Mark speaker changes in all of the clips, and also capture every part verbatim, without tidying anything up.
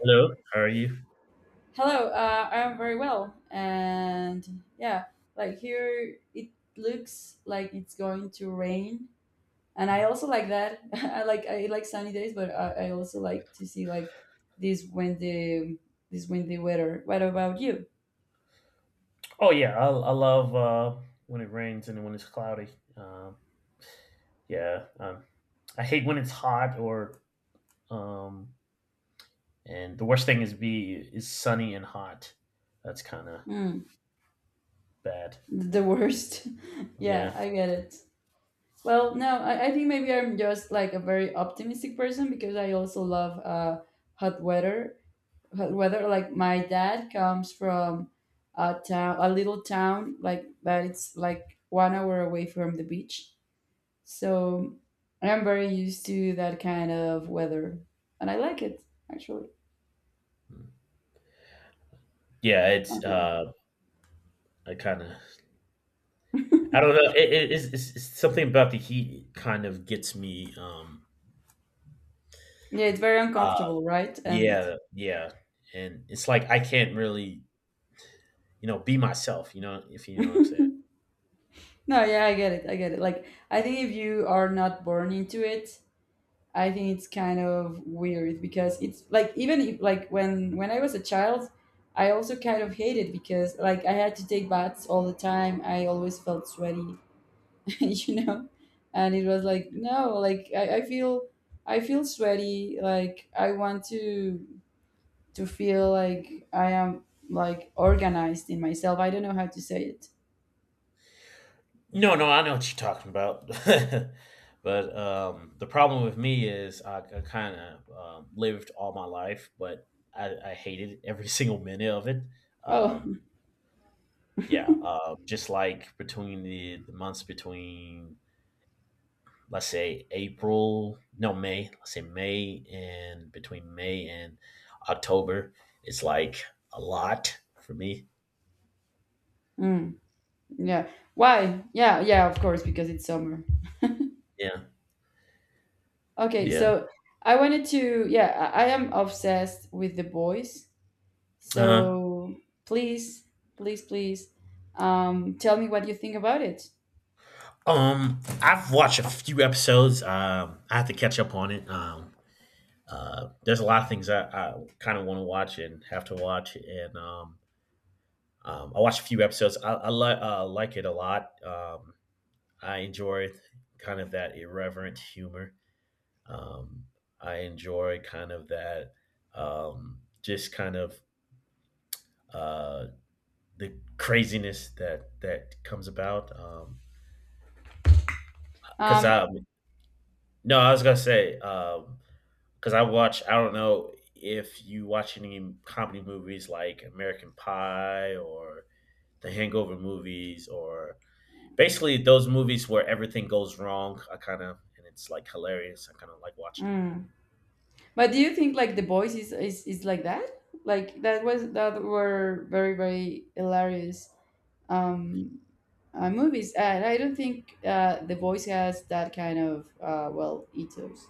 Speaker 1: Hello, how are you?
Speaker 2: Hello, uh, I am very well. And yeah, like here it looks like it's going to rain. And I also like that. I like I like sunny days, but I, I also like to see like this windy this windy weather. What about you?
Speaker 1: Oh yeah, I, I love uh, when it rains and when it's cloudy. Um, yeah, um, I hate when it's hot or um, and the worst thing is be is sunny and hot. That's kind of
Speaker 2: Hmm,
Speaker 1: bad.
Speaker 2: the worst. Yeah,
Speaker 1: Yeah.
Speaker 2: I get it. Well, no, I, I think maybe I'm just like a very optimistic person because I also love uh, hot weather whether like my dad comes from a town a little town like but it's like one hour away from the beach, so I'm very used to that kind of weather and I like it actually.
Speaker 1: Yeah, it's
Speaker 2: Okay.
Speaker 1: uh, I kind of I don't know. It, it, it's, it's it's something about the heat kind of gets me. Um,
Speaker 2: Yeah, it's very
Speaker 1: uh,
Speaker 2: uncomfortable, right, and
Speaker 1: yeah, yeah, and it's like I can't really you know be myself. You know if you know what I'm saying.
Speaker 2: no, yeah, I get it I get it like I think if you are not born into it. I think it's kind of weird because it's like even if, like when when I was a child, I also kind of hated because like I had to take baths all the time. I always felt sweaty, you know, and it was like no, like I, I feel I feel sweaty. Like I want to to feel like I am like organized in myself. I don't know how to say it.
Speaker 1: No, no, I know what you're talking about. but um, the problem with me is I, I kind of um, lived all my life, but I, I hated every single minute of it.
Speaker 2: Oh,
Speaker 1: Um, yeah, uh, just like between the, the months between, let's say, April, no, May, let's say May and between May and October, it's like a lot for me.
Speaker 2: mm, yeah. Why? Yeah, yeah. Of course, because it's summer.
Speaker 1: Yeah,
Speaker 2: Okay,
Speaker 1: yeah.
Speaker 2: so I wanted to, yeah, I I am obsessed with The Boys.
Speaker 1: Uh huh.
Speaker 2: So please, please, please, um, tell me what you think about it.
Speaker 1: Um, I've watched a few episodes. Um, I have to catch up on it. Um, uh, there's a lot of things I, I kind of want to watch and have to watch, and um, um, I watched a few episodes. I, I li- uh, like it a lot. Um, I enjoy kind of that irreverent humor. Um, I enjoy kind of that, um, just kind of uh, the craziness that that comes about. Um, because
Speaker 2: Um,
Speaker 1: um, No, I was gonna say um because I watch. I don't know if you watch any comedy movies like American Pie or the Hangover movies or basically those movies where everything goes wrong. I kind of and it's like hilarious. I kind of like watching it.
Speaker 2: mm. But do you think like The Boys is, is is like that? Like that was that were very very hilarious um, uh, movies, and I don't think uh, The Boys has that kind of uh, well, ethos.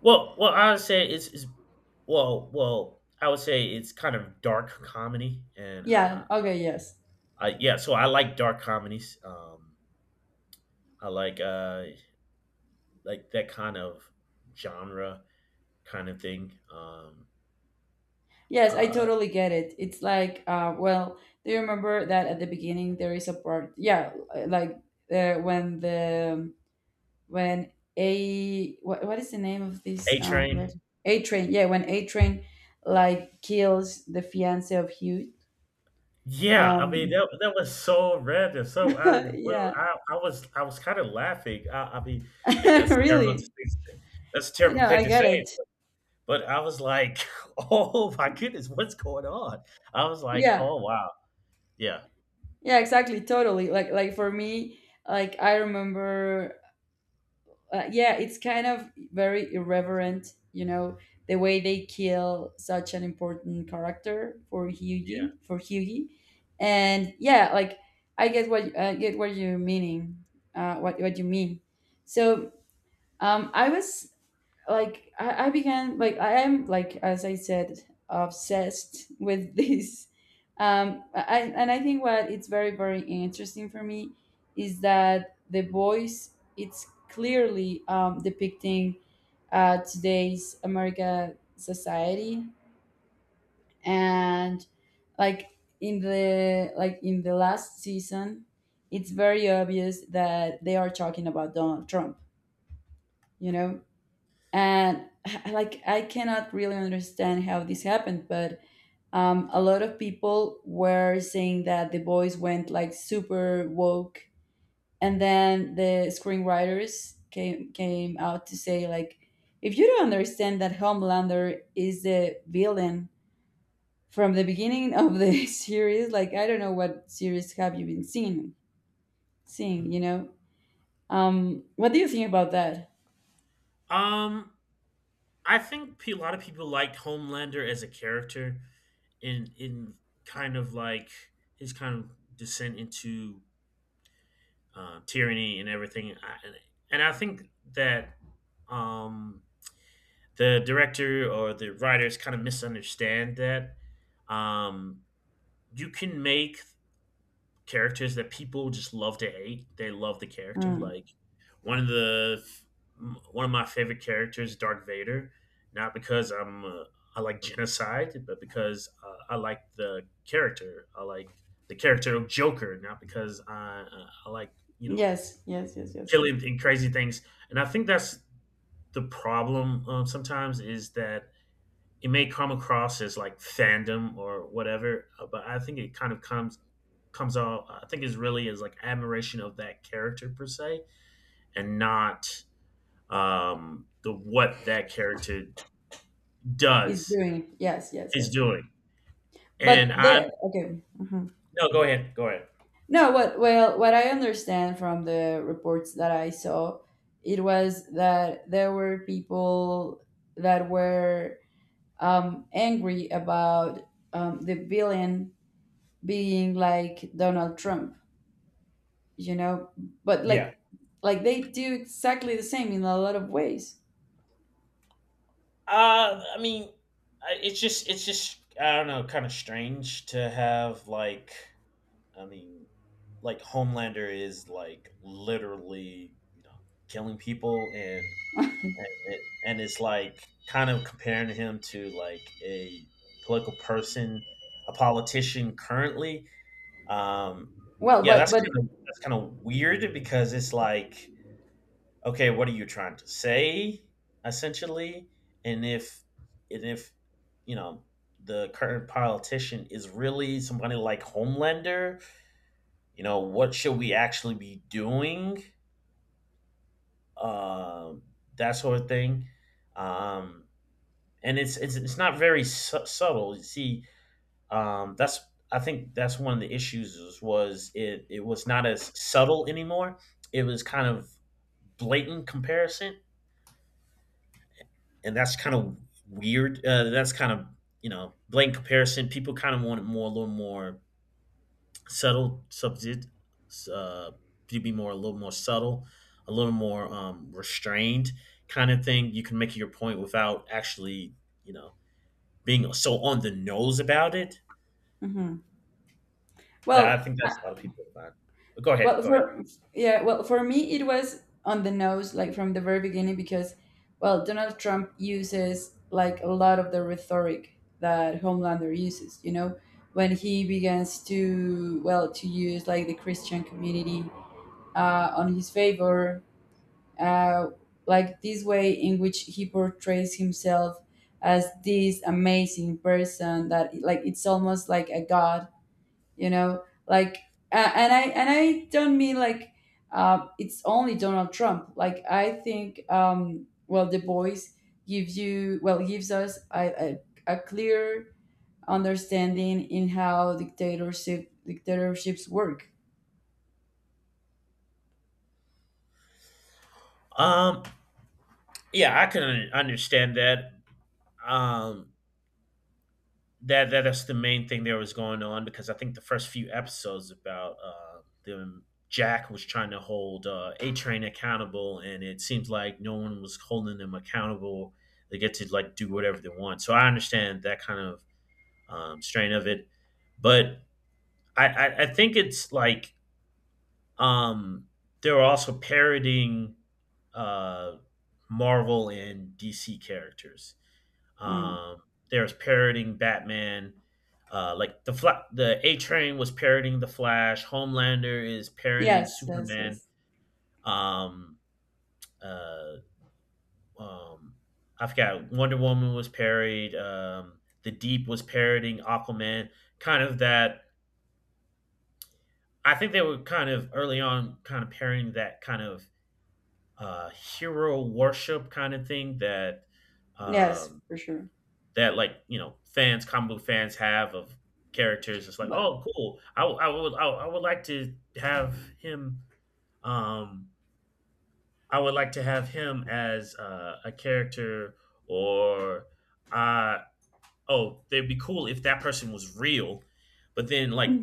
Speaker 1: Well, well, I would say it's, it's well, well, I would say it's kind of dark comedy and uh,
Speaker 2: Yeah. Okay. Yes.
Speaker 1: I, yeah. So I like dark comedies. Um, I like uh like that kind of genre kind of thing. Um,
Speaker 2: Yes, I
Speaker 1: uh,
Speaker 2: totally get it. It's like, uh, well, do you remember that at the beginning there is a part? Yeah, uh, like uh, when the when a what, what is the name of
Speaker 1: A
Speaker 2: this um
Speaker 1: Train?
Speaker 2: res- A Train? Yeah, when A Train like kills the fiance of Hugh.
Speaker 1: Yeah, I mean,
Speaker 2: Um,
Speaker 1: that that was so random, so out of the blue,
Speaker 2: yeah,
Speaker 1: I I was I was kinda laughing, I I mean, I mean, that's terrible to
Speaker 2: really.
Speaker 1: say that's a terrible
Speaker 2: No,
Speaker 1: thing
Speaker 2: I
Speaker 1: to say,
Speaker 2: get it.
Speaker 1: but I was like, "Oh my goodness, what's going on?" I was like,
Speaker 2: Yeah,
Speaker 1: "Oh, wow." Yeah,
Speaker 2: yeah,
Speaker 1: so,
Speaker 2: exactly, totally. Like like for me, like I remember. Uh, yeah, it's kind of very irreverent, you know, the way they kill such an important character for
Speaker 1: yeah,
Speaker 2: Hughie, for Hughie, and yeah, like I get what I get what you're meaning, uh, what what you mean. So um, I was like I, I began like I am like, as I said, obsessed with this um I, and I think what it's very very interesting for me is that the voice, it's clearly um, depicting uh, today's America society and like in the like in the last season, it's very obvious that they are talking about Donald Trump, you
Speaker 1: mhm.
Speaker 2: know. And like I cannot really understand how this happened, but um, a lot of people were saying that the boys went like super woke, and then the screenwriters came came out to say like, if you don't understand that homelander is the villain from the beginning of the series, like I don't know what series have you been seeing seeing you know. Um what do you think about that?
Speaker 1: Um, I think pe a lot of people liked Homelander as a character in in kind of like his kind of descent into uh, tyranny and everything. I, and I think that um, the director or the writers kind of misunderstand that um, you can make characters that people just love to hate. They love the character.
Speaker 2: Mm.
Speaker 1: Like one of the one of my favorite characters, Darth Vader, not because I'm uh, I like genocide, but because uh, I like the character. I like the character of Joker, not because I uh, I like you know
Speaker 2: Yes, yes, yes, yes,
Speaker 1: killing and crazy things. And I think that's the problem um, sometimes is that it may come across as like fandom or whatever, uh, but I think it kind of comes comes off. I think it's really is like admiration of that character per se, and not um, the what that character
Speaker 2: he's
Speaker 1: does
Speaker 2: doing it. Yes, yes,
Speaker 1: is
Speaker 2: yes.
Speaker 1: doing. And
Speaker 2: But
Speaker 1: I'm
Speaker 2: the okay. Mhm.
Speaker 1: No, go ahead, go ahead.
Speaker 2: No, what well, what I understand from the reports that I saw, it was that there were people that were um, angry about um, the villain being like Donald Trump, you know. But
Speaker 1: Yeah,
Speaker 2: like, like they do exactly the same in a lot of ways.
Speaker 1: uh, I mean, I- it's just it's just I don't know, kind of strange to have like I mean, like Homelander is like literally, you know, killing people and and, it, and it's like kind of comparing him to like a political person, a politician currently. Um,
Speaker 2: Well,
Speaker 1: yeah,
Speaker 2: but
Speaker 1: that's
Speaker 2: but
Speaker 1: kind of that's kind of weird because it's like, okay, what are you trying to say essentially? And if and if you know the current politician is really somebody like Homelander, you know what should we actually be doing um that sort of thing um and it's it's, it's not very su- subtle you see um that's I think that's one of the issues is, was it it was not as subtle anymore it was kind of blatant comparison and that's kind of weird uh, that's kind of you know blatant comparison people kind of wanted more a little more subtle subject uh you be more a little more subtle a little more um restrained kind of thing you can make your point without actually you know being so on the nose about it
Speaker 2: mhm.
Speaker 1: that
Speaker 2: well,
Speaker 1: I think that's a lot of people find go ahead
Speaker 2: Well,
Speaker 1: go ahead
Speaker 2: for yeah, well, for me it was on the nose, like from the very beginning, because well, Donald Trump uses like a lot of the rhetoric that Homelander uses. You know, when he begins to well to use like the Christian community uh, on his favor, uh, like this way in which he portrays himself as this amazing person that like it's almost like a god, you know, like a- and i and i don't mean like uh, it's only Donald Trump. Like I think um well, the boys gives you, well, gives us a, a, a clear understanding in how dictatorship dictatorships work.
Speaker 1: um yeah I can understand that um that, that that's the main thing that was going on because I think the first few episodes about uh, the Jack was trying to hold uh, A Train accountable, and it seems like no one was holding them accountable. They get to like do whatever they want. So I understand that kind of um, strain of it, but I, I, I think it's like um, they were also parodying uh, Marvel and D C characters
Speaker 2: Mm.
Speaker 1: um, there was parroting Batman. Uh, like the Fla- the A Train was parroting the Flash. Homelander is parroting
Speaker 2: Yes, yes, yes,
Speaker 1: Superman. Um, uh, um, I forgot. Wonder Woman was parried. Um, the Deep was parroting Aquaman. Kind of that. I think they were kind of early on, kind of parroting that kind of uh, hero worship kind of thing that
Speaker 2: yes,
Speaker 1: um,
Speaker 2: for sure,
Speaker 1: that like you know fans, comic book fans have of characters. It's like,
Speaker 2: but
Speaker 1: oh, cool. I, w- I would I, w- I would like to have him. Um, I would like to have him as uh, a character, or uh, oh, they'd be cool if that person was real. But then like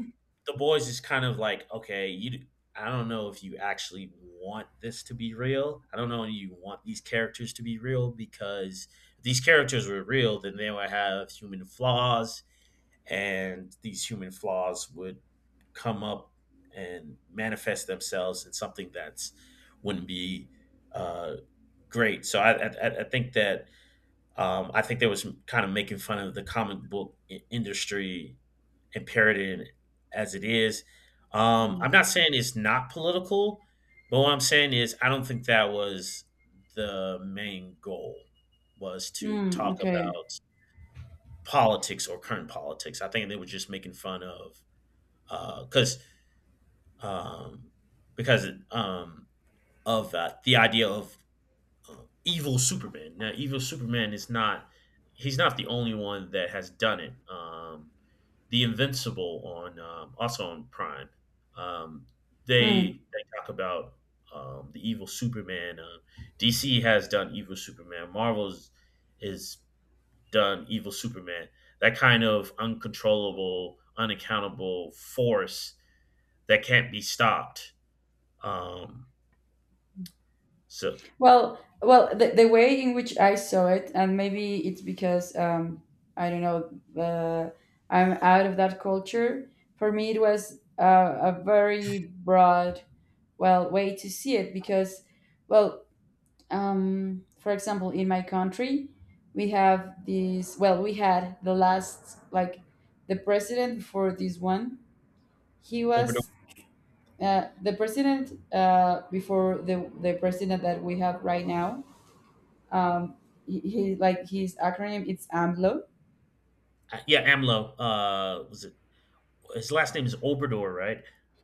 Speaker 1: the boys is kind of like, okay, you I don't know if you actually want this to be real. I don't know if you want these characters to be real because if these characters were real, then they would have human flaws and these human flaws would come up and manifest themselves in something that's wouldn't be uh, great. So I, I I think that um, I think they was kind of making fun of the comic book i- industry and parodying it as it is. Um,
Speaker 2: Mm,
Speaker 1: I'm not saying it's not political, but what I'm saying is I don't think that was the main goal was to
Speaker 2: mm,
Speaker 1: talk
Speaker 2: okay.
Speaker 1: about politics or current politics. I think they were just making fun of because um, because um, of uh, the idea of evil Superman. Now, evil Superman is not he's not the only one that has done it. Um, the Invincible on um, also on Prime. Um, they
Speaker 2: Mm.
Speaker 1: they talk about um, the evil Superman. Uh, D C has done evil Superman. Marvel's is done evil Superman. That kind of uncontrollable, unaccountable force that can't be stopped. Um, so
Speaker 2: Well, well, the, the way in which I saw it, and maybe it's because um, I don't know, uh, I'm out of that culture. For me, it was uh, a very broad, well, way to see it because, well, um, for example, in my country, we have these. Well, we had the last, like, the president before this one. He
Speaker 1: over the
Speaker 2: was uh, the president uh, before the the president that we have right now. um he, he like his acronym, it's amlo.
Speaker 1: yeah, AMLO uh, was it his last name is Obrador, right?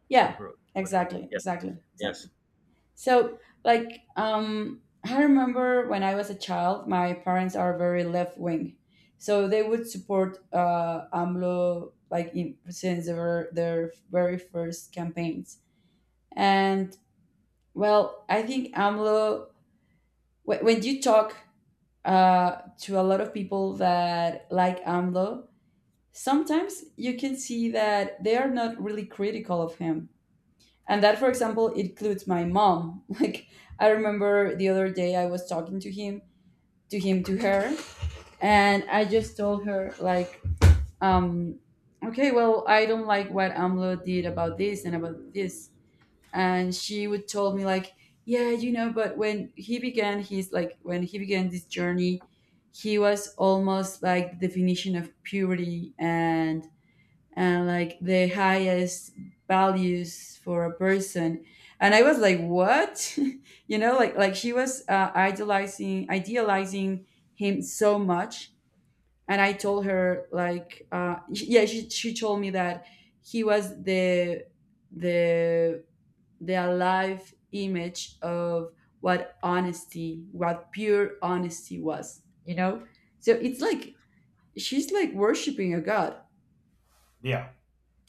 Speaker 2: Yeah,
Speaker 1: Ober- Obrador.
Speaker 2: exactly,
Speaker 1: Yes.
Speaker 2: exactly, exactly,
Speaker 1: Yes.
Speaker 2: so like um I remember when I was a child, my parents are very left wing, so they would support uh amlo like in, since their their very first campaigns. And well, I think amlo wh- when you talk uh, to a lot of people that like A M L O, sometimes you can see that they are not really critical of him. And that, for example, includes my mom. Like, I remember the other day I was talking to him, to him, to her, and I just told her, like, um, okay, well, I don't like what A M L O did about this and about this. And she would tell me, like, yeah, you know, but when he began his, like, when he began this journey, he was almost like the definition of purity and and like the highest values for a person. And I was like, what? You know, like like she was uh, idealizing idealizing him so much. And I told her like uh yeah, she, she told me that he was the the the alive image of what honesty, what pure honesty was, you know. So it's like she's like worshiping a god,
Speaker 1: Yeah.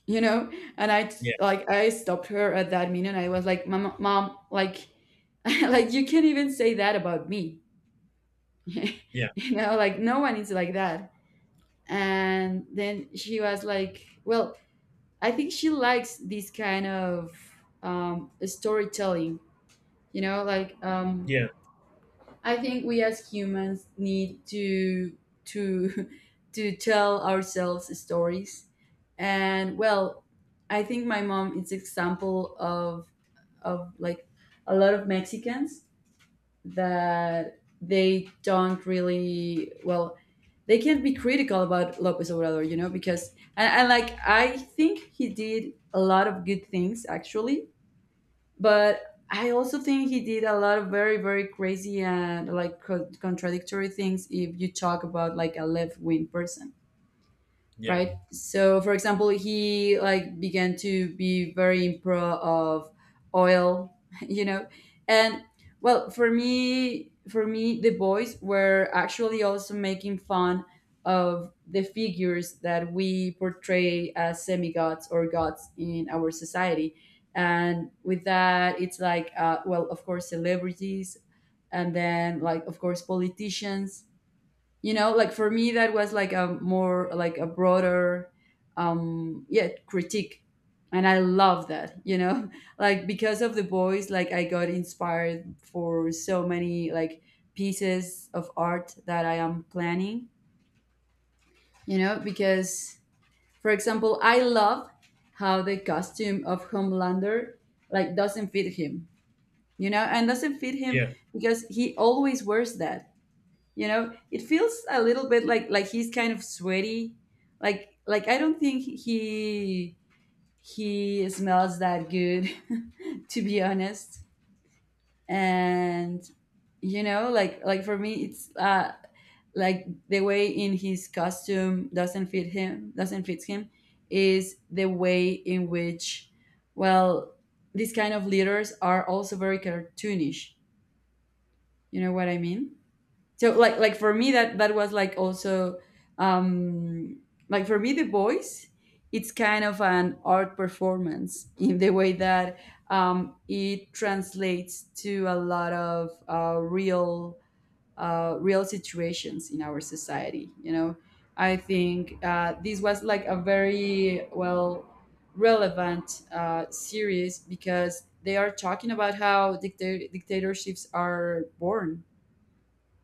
Speaker 2: you know. And i t-
Speaker 1: Yeah.
Speaker 2: like I stopped her at that minute. I was like, mom, mom like like you can't even say that about me,
Speaker 1: Yeah.
Speaker 2: you know, like no one is like that. And then she was like, well, I think she likes this kind of um storytelling, you know, like um
Speaker 1: Yeah.
Speaker 2: I think we as humans need to to to tell ourselves stories. And well, I think my mom is example of of like a lot of Mexicans, that they don't really well, they can't be critical about Lopez Obrador, you know, because and, and like I think he did a lot of good things actually, but I also think he did a lot of very very crazy and like co- contradictory things if you talk about like a left wing person,
Speaker 1: Yeah.
Speaker 2: right? So, for example, he like began to be very impro of oil, you know, and well, for me, for me, the boys were actually also making fun of the figures that we portray as semi gods or gods in our society, and with that, it's like, uh, well, of course, celebrities, and then like, of course, politicians, you know. Like for me that was like a more like a broader um yeah, critique, and I love that, you know. Like because of the boys, like I got inspired for so many like pieces of art that I am planning, you know, because for example I love how the costume of homelander like doesn't fit him, you know, and doesn't fit him
Speaker 1: Yeah.
Speaker 2: because he always wears that. You know, it feels a little bit like like he's kind of sweaty, like like I don't think he he smells that good to be honest. And you know, like like for me it's uh like the way in his costume doesn't fit him, doesn't fit him is the way in which, well, these kind of leaders are also very cartoonish, you know what I mean? So like like for me, that that was like also, um like for me, the voice, it's kind of an art performance in the way that um, it translates to a lot of uh, real uh, real situations in our society, you know. I think uh, this was like a very well, relevant uh, series because they are talking about how dicta- dictatorships are born,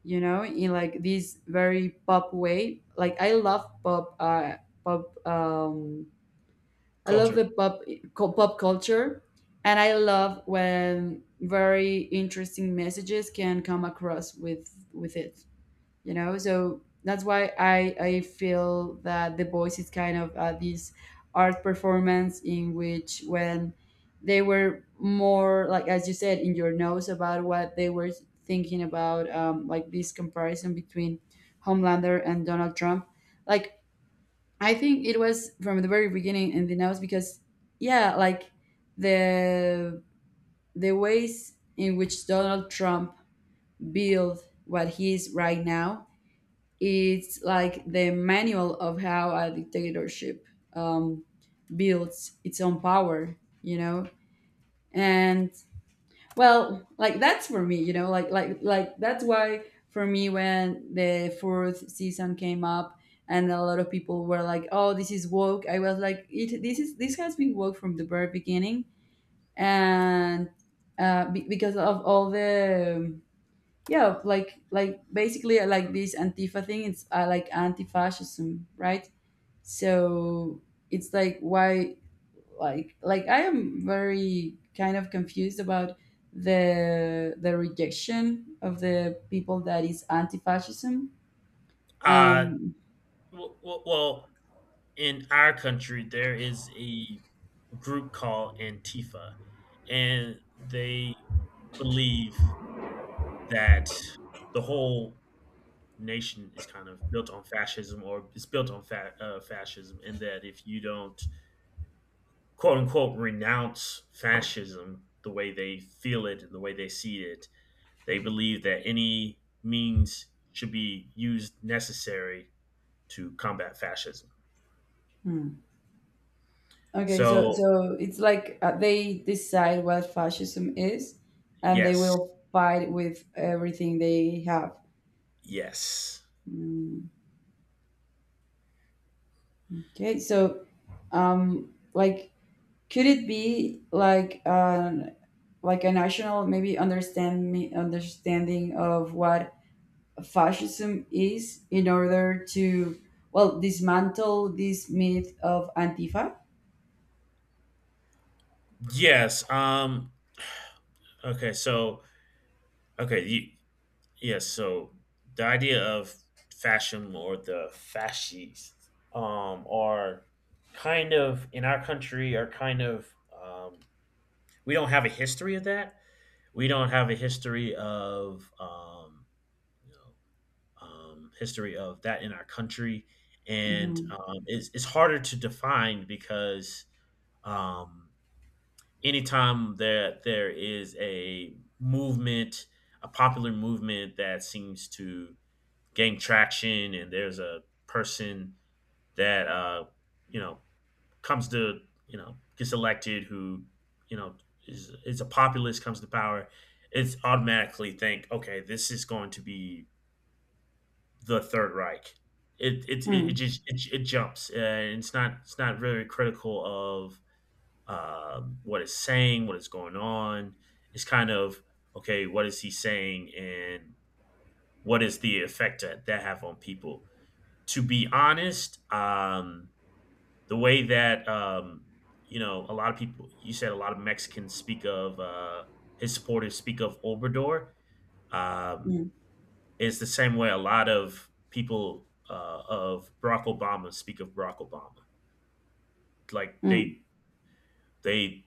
Speaker 2: you know, in like this very pop way. Like I love pop, uh, pop. Um, I love
Speaker 1: Culture.
Speaker 2: the pop co- pop culture, and I love when very interesting messages can come across with with it, you know so that's why i i feel that The Voice is kind of uh, this art performance in which, when they were more, like as you said in your notes about what they were thinking about, um, like this comparison between Homelander and Donald Trump. Like, I think it was from the very beginning in the notes because, yeah, like, the the ways in which Donald Trump built what he is right now, it's like the manual of how a dictatorship, um, builds its own power, you know. And, well, like that's for me, you know, like like like that's why, for me, when the fourth season came up and a lot of people were like, "Oh, this is woke," I was like, "It this is this has been woke from the very beginning," and uh, be- because of all the um, yeah, like like basically, I like this antifa thing. It's uh, like anti-fascism, right? So it's like, why, like like I am very kind of confused about the the rejection of the people that is anti-fascism.
Speaker 1: Uh,
Speaker 2: Um,
Speaker 1: w- well, in our country, there is a group called Antifa, and they believe that the whole nation is kind of built on fascism or is built on fa- uh, fascism, and that if you don't quote unquote renounce fascism the way they feel it and the way they see it. They believe that any means should be used necessary to combat fascism.
Speaker 2: hmm. Okay, so
Speaker 1: So,
Speaker 2: so it's like, uh, they decide what fascism is, and they
Speaker 1: yes.
Speaker 2: will fight with everything they have.
Speaker 1: Yes.
Speaker 2: Hmm. Okay, so, um, like, could it be like an, like a national maybe understand me understanding of what fascism is in order to, well, dismantle this myth of Antifa?
Speaker 1: Yes. Um okay, so okay, you, yes, so the idea of fascism or the fascists um are kind of in our country are kind of um we don't have a history of that we don't have a history of um, you know um, history of that in our country, and
Speaker 2: Mhm.
Speaker 1: um, it's it's harder to define because um, anytime that there is a movement, a popular movement that seems to gain traction, and there's a person that uh, you know comes to you know gets elected, who you know is is a populist comes to power, it's automatically think, okay, this is going to be the Third Reich. It it it, it
Speaker 2: Mm,
Speaker 1: just it, it jumps, and it's not it's not very critical of um what it's saying, what is going on. It's kind of okay, what is he saying, and what is the effect that that have on people? To be honest, um, the way that um, you know a lot of people you said a lot of Mexicans speak of uh, his supporters speak of Obrador um,
Speaker 2: mm,
Speaker 1: is the same way a lot of people uh, of Barack Obama speak of Barack Obama. Like
Speaker 2: mm.
Speaker 1: they they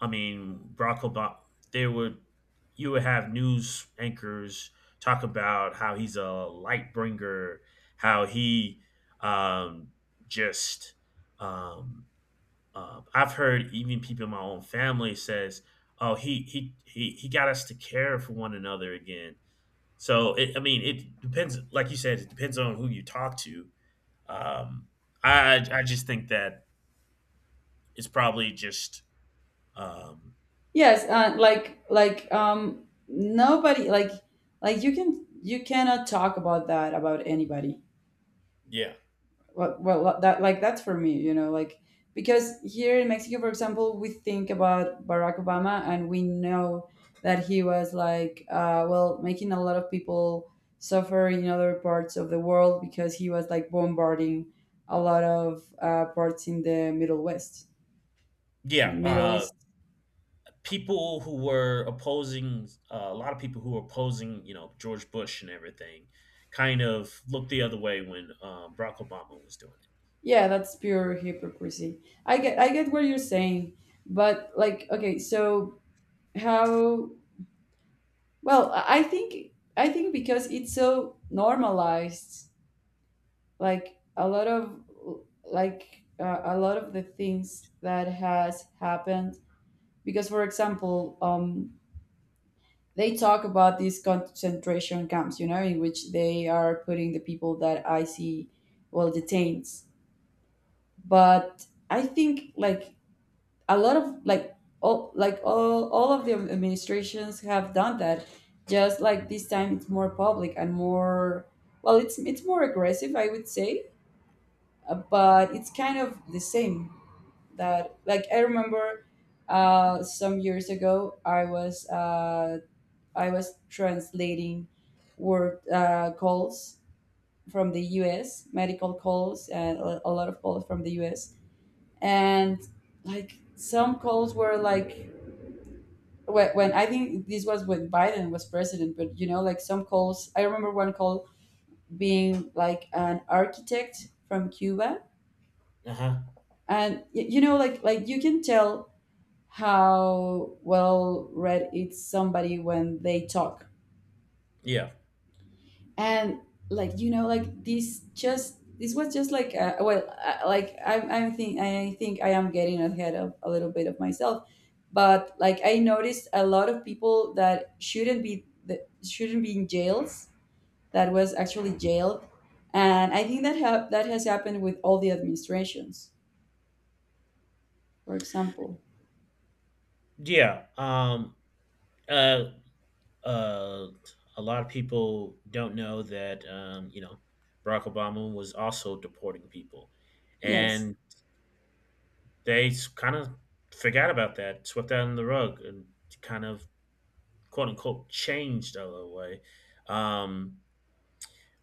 Speaker 1: I mean Barack Obama they would you would have news anchors talk about how he's a light bringer, how he um, just um, Um, I've heard even people in my own family says, "Oh, he he he he got us to care for one another again." So it, I mean, it depends. Like you said, it depends on who you talk to. Um, I I just think that it's probably just um,
Speaker 2: Yes, uh, like like um, nobody, like like you can, you cannot talk about that about anybody.
Speaker 1: yeah
Speaker 2: Well, well uh, that, like, that's for me, you know, like, because here in Mexico, for example, we think about Barack Obama, and we know that he was like, uh, well, making a lot of people suffer in other parts of the world because he was like bombarding a lot of uh, parts in the middle west, sorry,
Speaker 1: yeah
Speaker 2: middle
Speaker 1: uh,
Speaker 2: east.
Speaker 1: people who were opposing uh, a lot of people who were opposing, you know, George Bush and everything kind of looked the other way when um, Barack Obama was doing it.
Speaker 2: Yeah, that's pure hypocrisy. I get, I get what you're saying, but, like, okay, so, how, well, I I think, I think because it's so normalized, like a lot of, like uh, a lot of the things that has happened. Because, for example, um, they talk about these concentration camps, you know, in which they are putting the people that I see, well, detained. But I think, like, a lot of, like, all, like, all all of the administrations have done that, just like this time it's more public and more, well, it's it's more aggressive, I would say. Uh, but it's kind of the same. That, like, I remember uh some years ago, I was uh I was translating word uh, calls from the US medical calls, and a a lot of calls from the US, and like some calls were like, when, when I think this was when Biden was president, but, you know, like, some calls, I remember one call being like an architect from Cuba,
Speaker 1: Uh huh.
Speaker 2: and y- you know, like like you can tell how well read it's somebody when they talk,
Speaker 1: Yeah.
Speaker 2: and, like, you know, like, this just this was just like uh, well, uh, like I'm I'm think I think I am getting ahead of a little bit of myself, but like I noticed a lot of people that shouldn't be, that shouldn't be in jails, that was actually jailed. And I think that ha- that has happened with all the administrations, for example.
Speaker 1: Yeah. Um, Uh, uh, a lot of people don't know that um, you know, Barack Obama was also deporting people,
Speaker 2: Yes,
Speaker 1: and they kind of forgot about that, swept that under the rug, and kind of quote unquote changed out of the way. Um,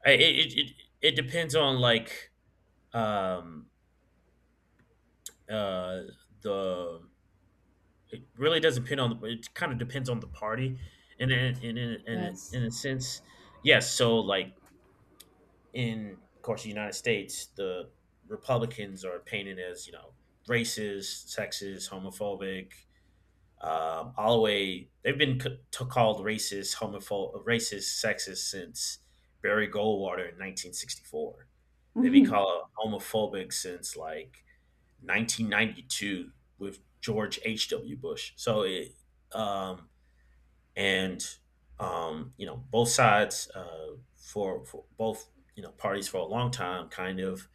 Speaker 1: I- it, it it it depends on like um uh the it really doesn't depend on the, it kind of depends on the party, and in in in in, a-
Speaker 2: yes.
Speaker 1: in a sense, yes. So like in, of course, the United States, the Republicans are painted as, you know, racist, sexist, homophobic. Um, all the way, they've been c- t- called racist, homophobic, racist, sexist since Barry Goldwater in nineteen sixty-four. They've been
Speaker 2: Mhm.
Speaker 1: called homophobic since like nineteen ninety-two with George H W. Bush. So it, um, and um, You know, both sides, uh, for, for both, you know, parties for a long time kind of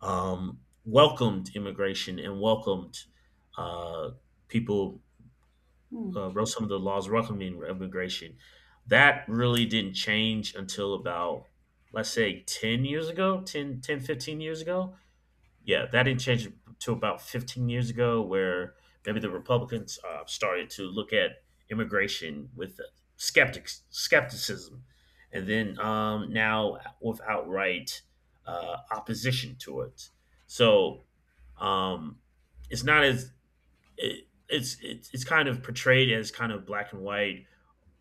Speaker 1: um, welcomed immigration and welcomed uh, people,
Speaker 2: Mm.
Speaker 1: uh, wrote some of the laws welcoming immigration. That really didn't change until about, let's say, ten years ago, ten ten fifteen years ago, yeah, that didn't change to about fifteen years ago, where maybe the Republicans uh, started to look at immigration with skeptics skepticism, and then um, now with outright uh, opposition to it. So um, it's not as it, it's, it's it's kind of portrayed as kind of black and white,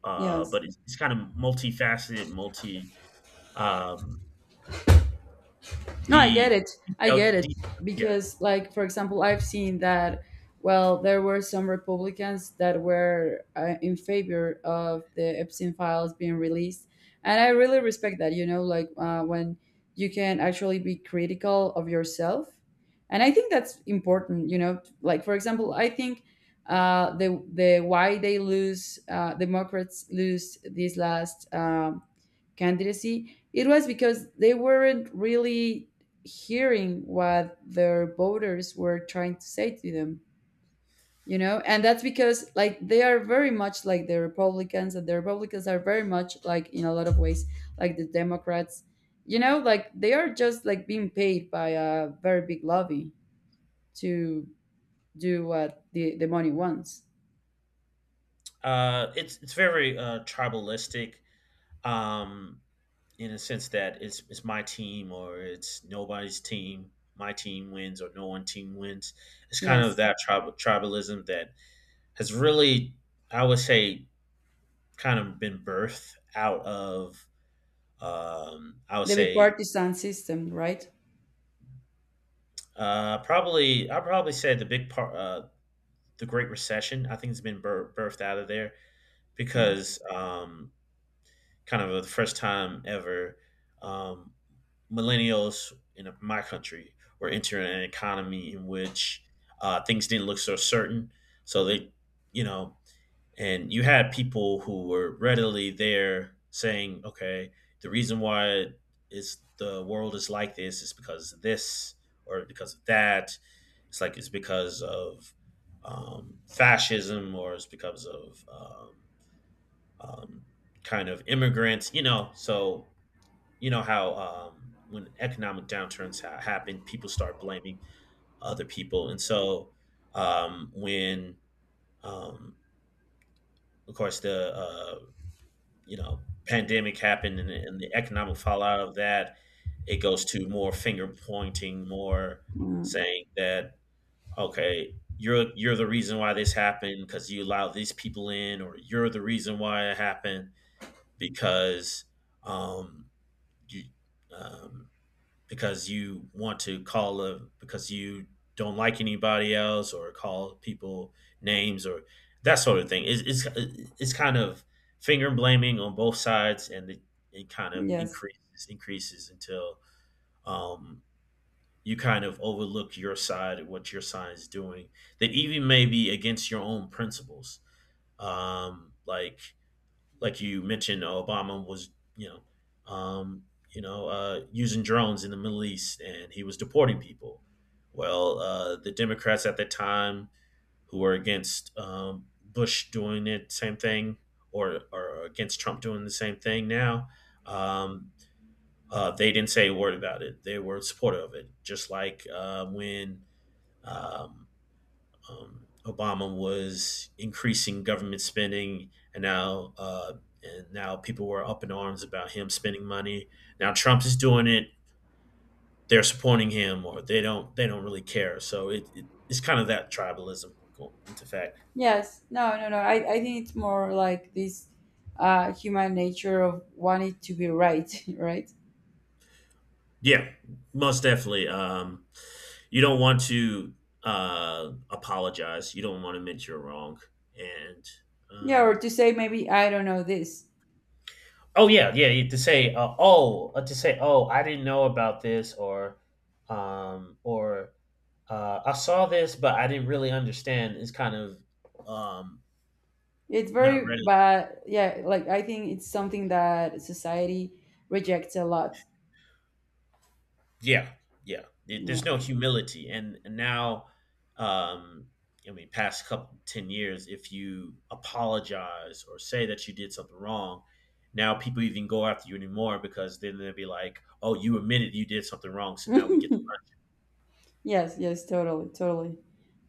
Speaker 1: uh,
Speaker 2: Yes.
Speaker 1: but it's, it's kind of multifaceted, multi um,
Speaker 2: No, I get
Speaker 1: the
Speaker 2: it. I get
Speaker 1: detailed,
Speaker 2: it.
Speaker 1: de- yeah.
Speaker 2: Because, like, for example, I've seen that, well, there were some Republicans that were uh, in favor of the Epstein files being released. And I really respect that, you know, like, uh, when you can actually be critical of yourself. And I think that's important, you know. Like, for example, I think uh, the the why they lose, uh, Democrats lose these last um, candidacy, it was because they weren't really hearing what their voters were trying to say to them, you know? And that's because, like, they are very much like the Republicans, and the Republicans are very much like, in a lot of ways, like the Democrats, you know? Like, they are just like being paid by a very big lobby to do what the, the money wants.
Speaker 1: Uh, it's it's very uh, tribalistic, um, in a sense that it's it's my team or it's nobody's team. My team wins or no one team wins. It's kind of
Speaker 2: Yes.
Speaker 1: that tribal tribalism that has really, I would say, kind of been birthed out of. Um, I would
Speaker 2: The
Speaker 1: say
Speaker 2: bipartisan system, right?
Speaker 1: uh, probably I probably say the big part, uh, the Great Recession. I think it's been bir- birthed out of there
Speaker 2: Mm,
Speaker 1: because um, kind of the first time ever, um, millennials in my country were entering an economy in which uh, things didn't look so certain. So they, you know, and you had people who were readily there saying, okay, the reason why is the world is like this is because of this or because of that. It's like it's because of um, fascism or it's because of um, um, kind of immigrants, you know. So you know how um, when economic downturns ha- happen, people start blaming other people, and so um, when um, of course the uh, you know, pandemic happened and, and the economic fallout of that, it goes to more finger pointing, more
Speaker 2: mm.
Speaker 1: saying that, okay, you're you're the reason why this happened because you allowed these people in, or you're the reason why it happened because um, you um, because you want to call a, because you don't like anybody else or call people names or that sort of thing. It's it's, it's kind of finger blaming on both sides, and it, it kind of
Speaker 2: Yes.
Speaker 1: increases increases until um, you kind of overlook your side and what your side is doing that even may be against your own principles. Um, like like you mentioned, Obama was, you know, um, you know, uh, using drones in the Middle East, and he was deporting people. Well, uh, the Democrats at the time who were against um, Bush doing the same thing, or or against Trump doing the same thing now, um, uh, they didn't say a word about it. They were supportive of it, just like uh, when. Um, um, Obama was increasing government spending, and now uh, and now people were up in arms about him spending money. Now Trump is doing it; they're supporting him, or they don't they don't really care. So it, it it's kind of that tribalism going into fact.
Speaker 2: Yes, no, no, no. I, I think it's more like this uh, human nature of wanting to be right, right?
Speaker 1: Yeah, most definitely. Um, you don't want to uh, apologize. You don't want to admit you're wrong, and
Speaker 2: Yeah, or
Speaker 1: um,
Speaker 2: to say, maybe I don't know this.
Speaker 1: oh yeah, yeah, yeah. To say, uh, oh, uh, to say, oh, I didn't know about this, or, um, or uh, I saw this, but I didn't really understand. Is kind of um,
Speaker 2: It's
Speaker 1: not
Speaker 2: very
Speaker 1: ready.
Speaker 2: bad. Yeah, like I think it's something that society rejects a lot.
Speaker 1: Yeah, yeah. There- There's
Speaker 2: Yeah.
Speaker 1: no humility, and, and now, um, I mean, past couple ten years, if you apologize or say that you did something wrong, now people even go after you anymore because then they'll be like, oh, you admitted you did something wrong, so now we get.
Speaker 2: Yes, yes, totally, totally.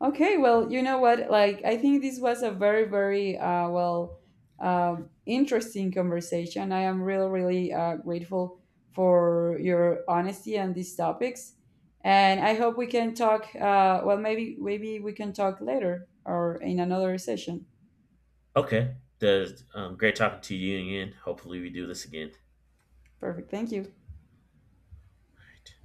Speaker 2: Okay, well, you know what? Like, I think this was a very, very uh, well, um, interesting conversation. I am really, really uh, grateful for your honesty on these topics, and I hope we can talk. Uh, well, maybe, maybe we can talk later or in another session.
Speaker 1: Okay. There's, um, great talking to you again. Hopefully, we do this again.
Speaker 2: Perfect. Thank you.
Speaker 1: All right.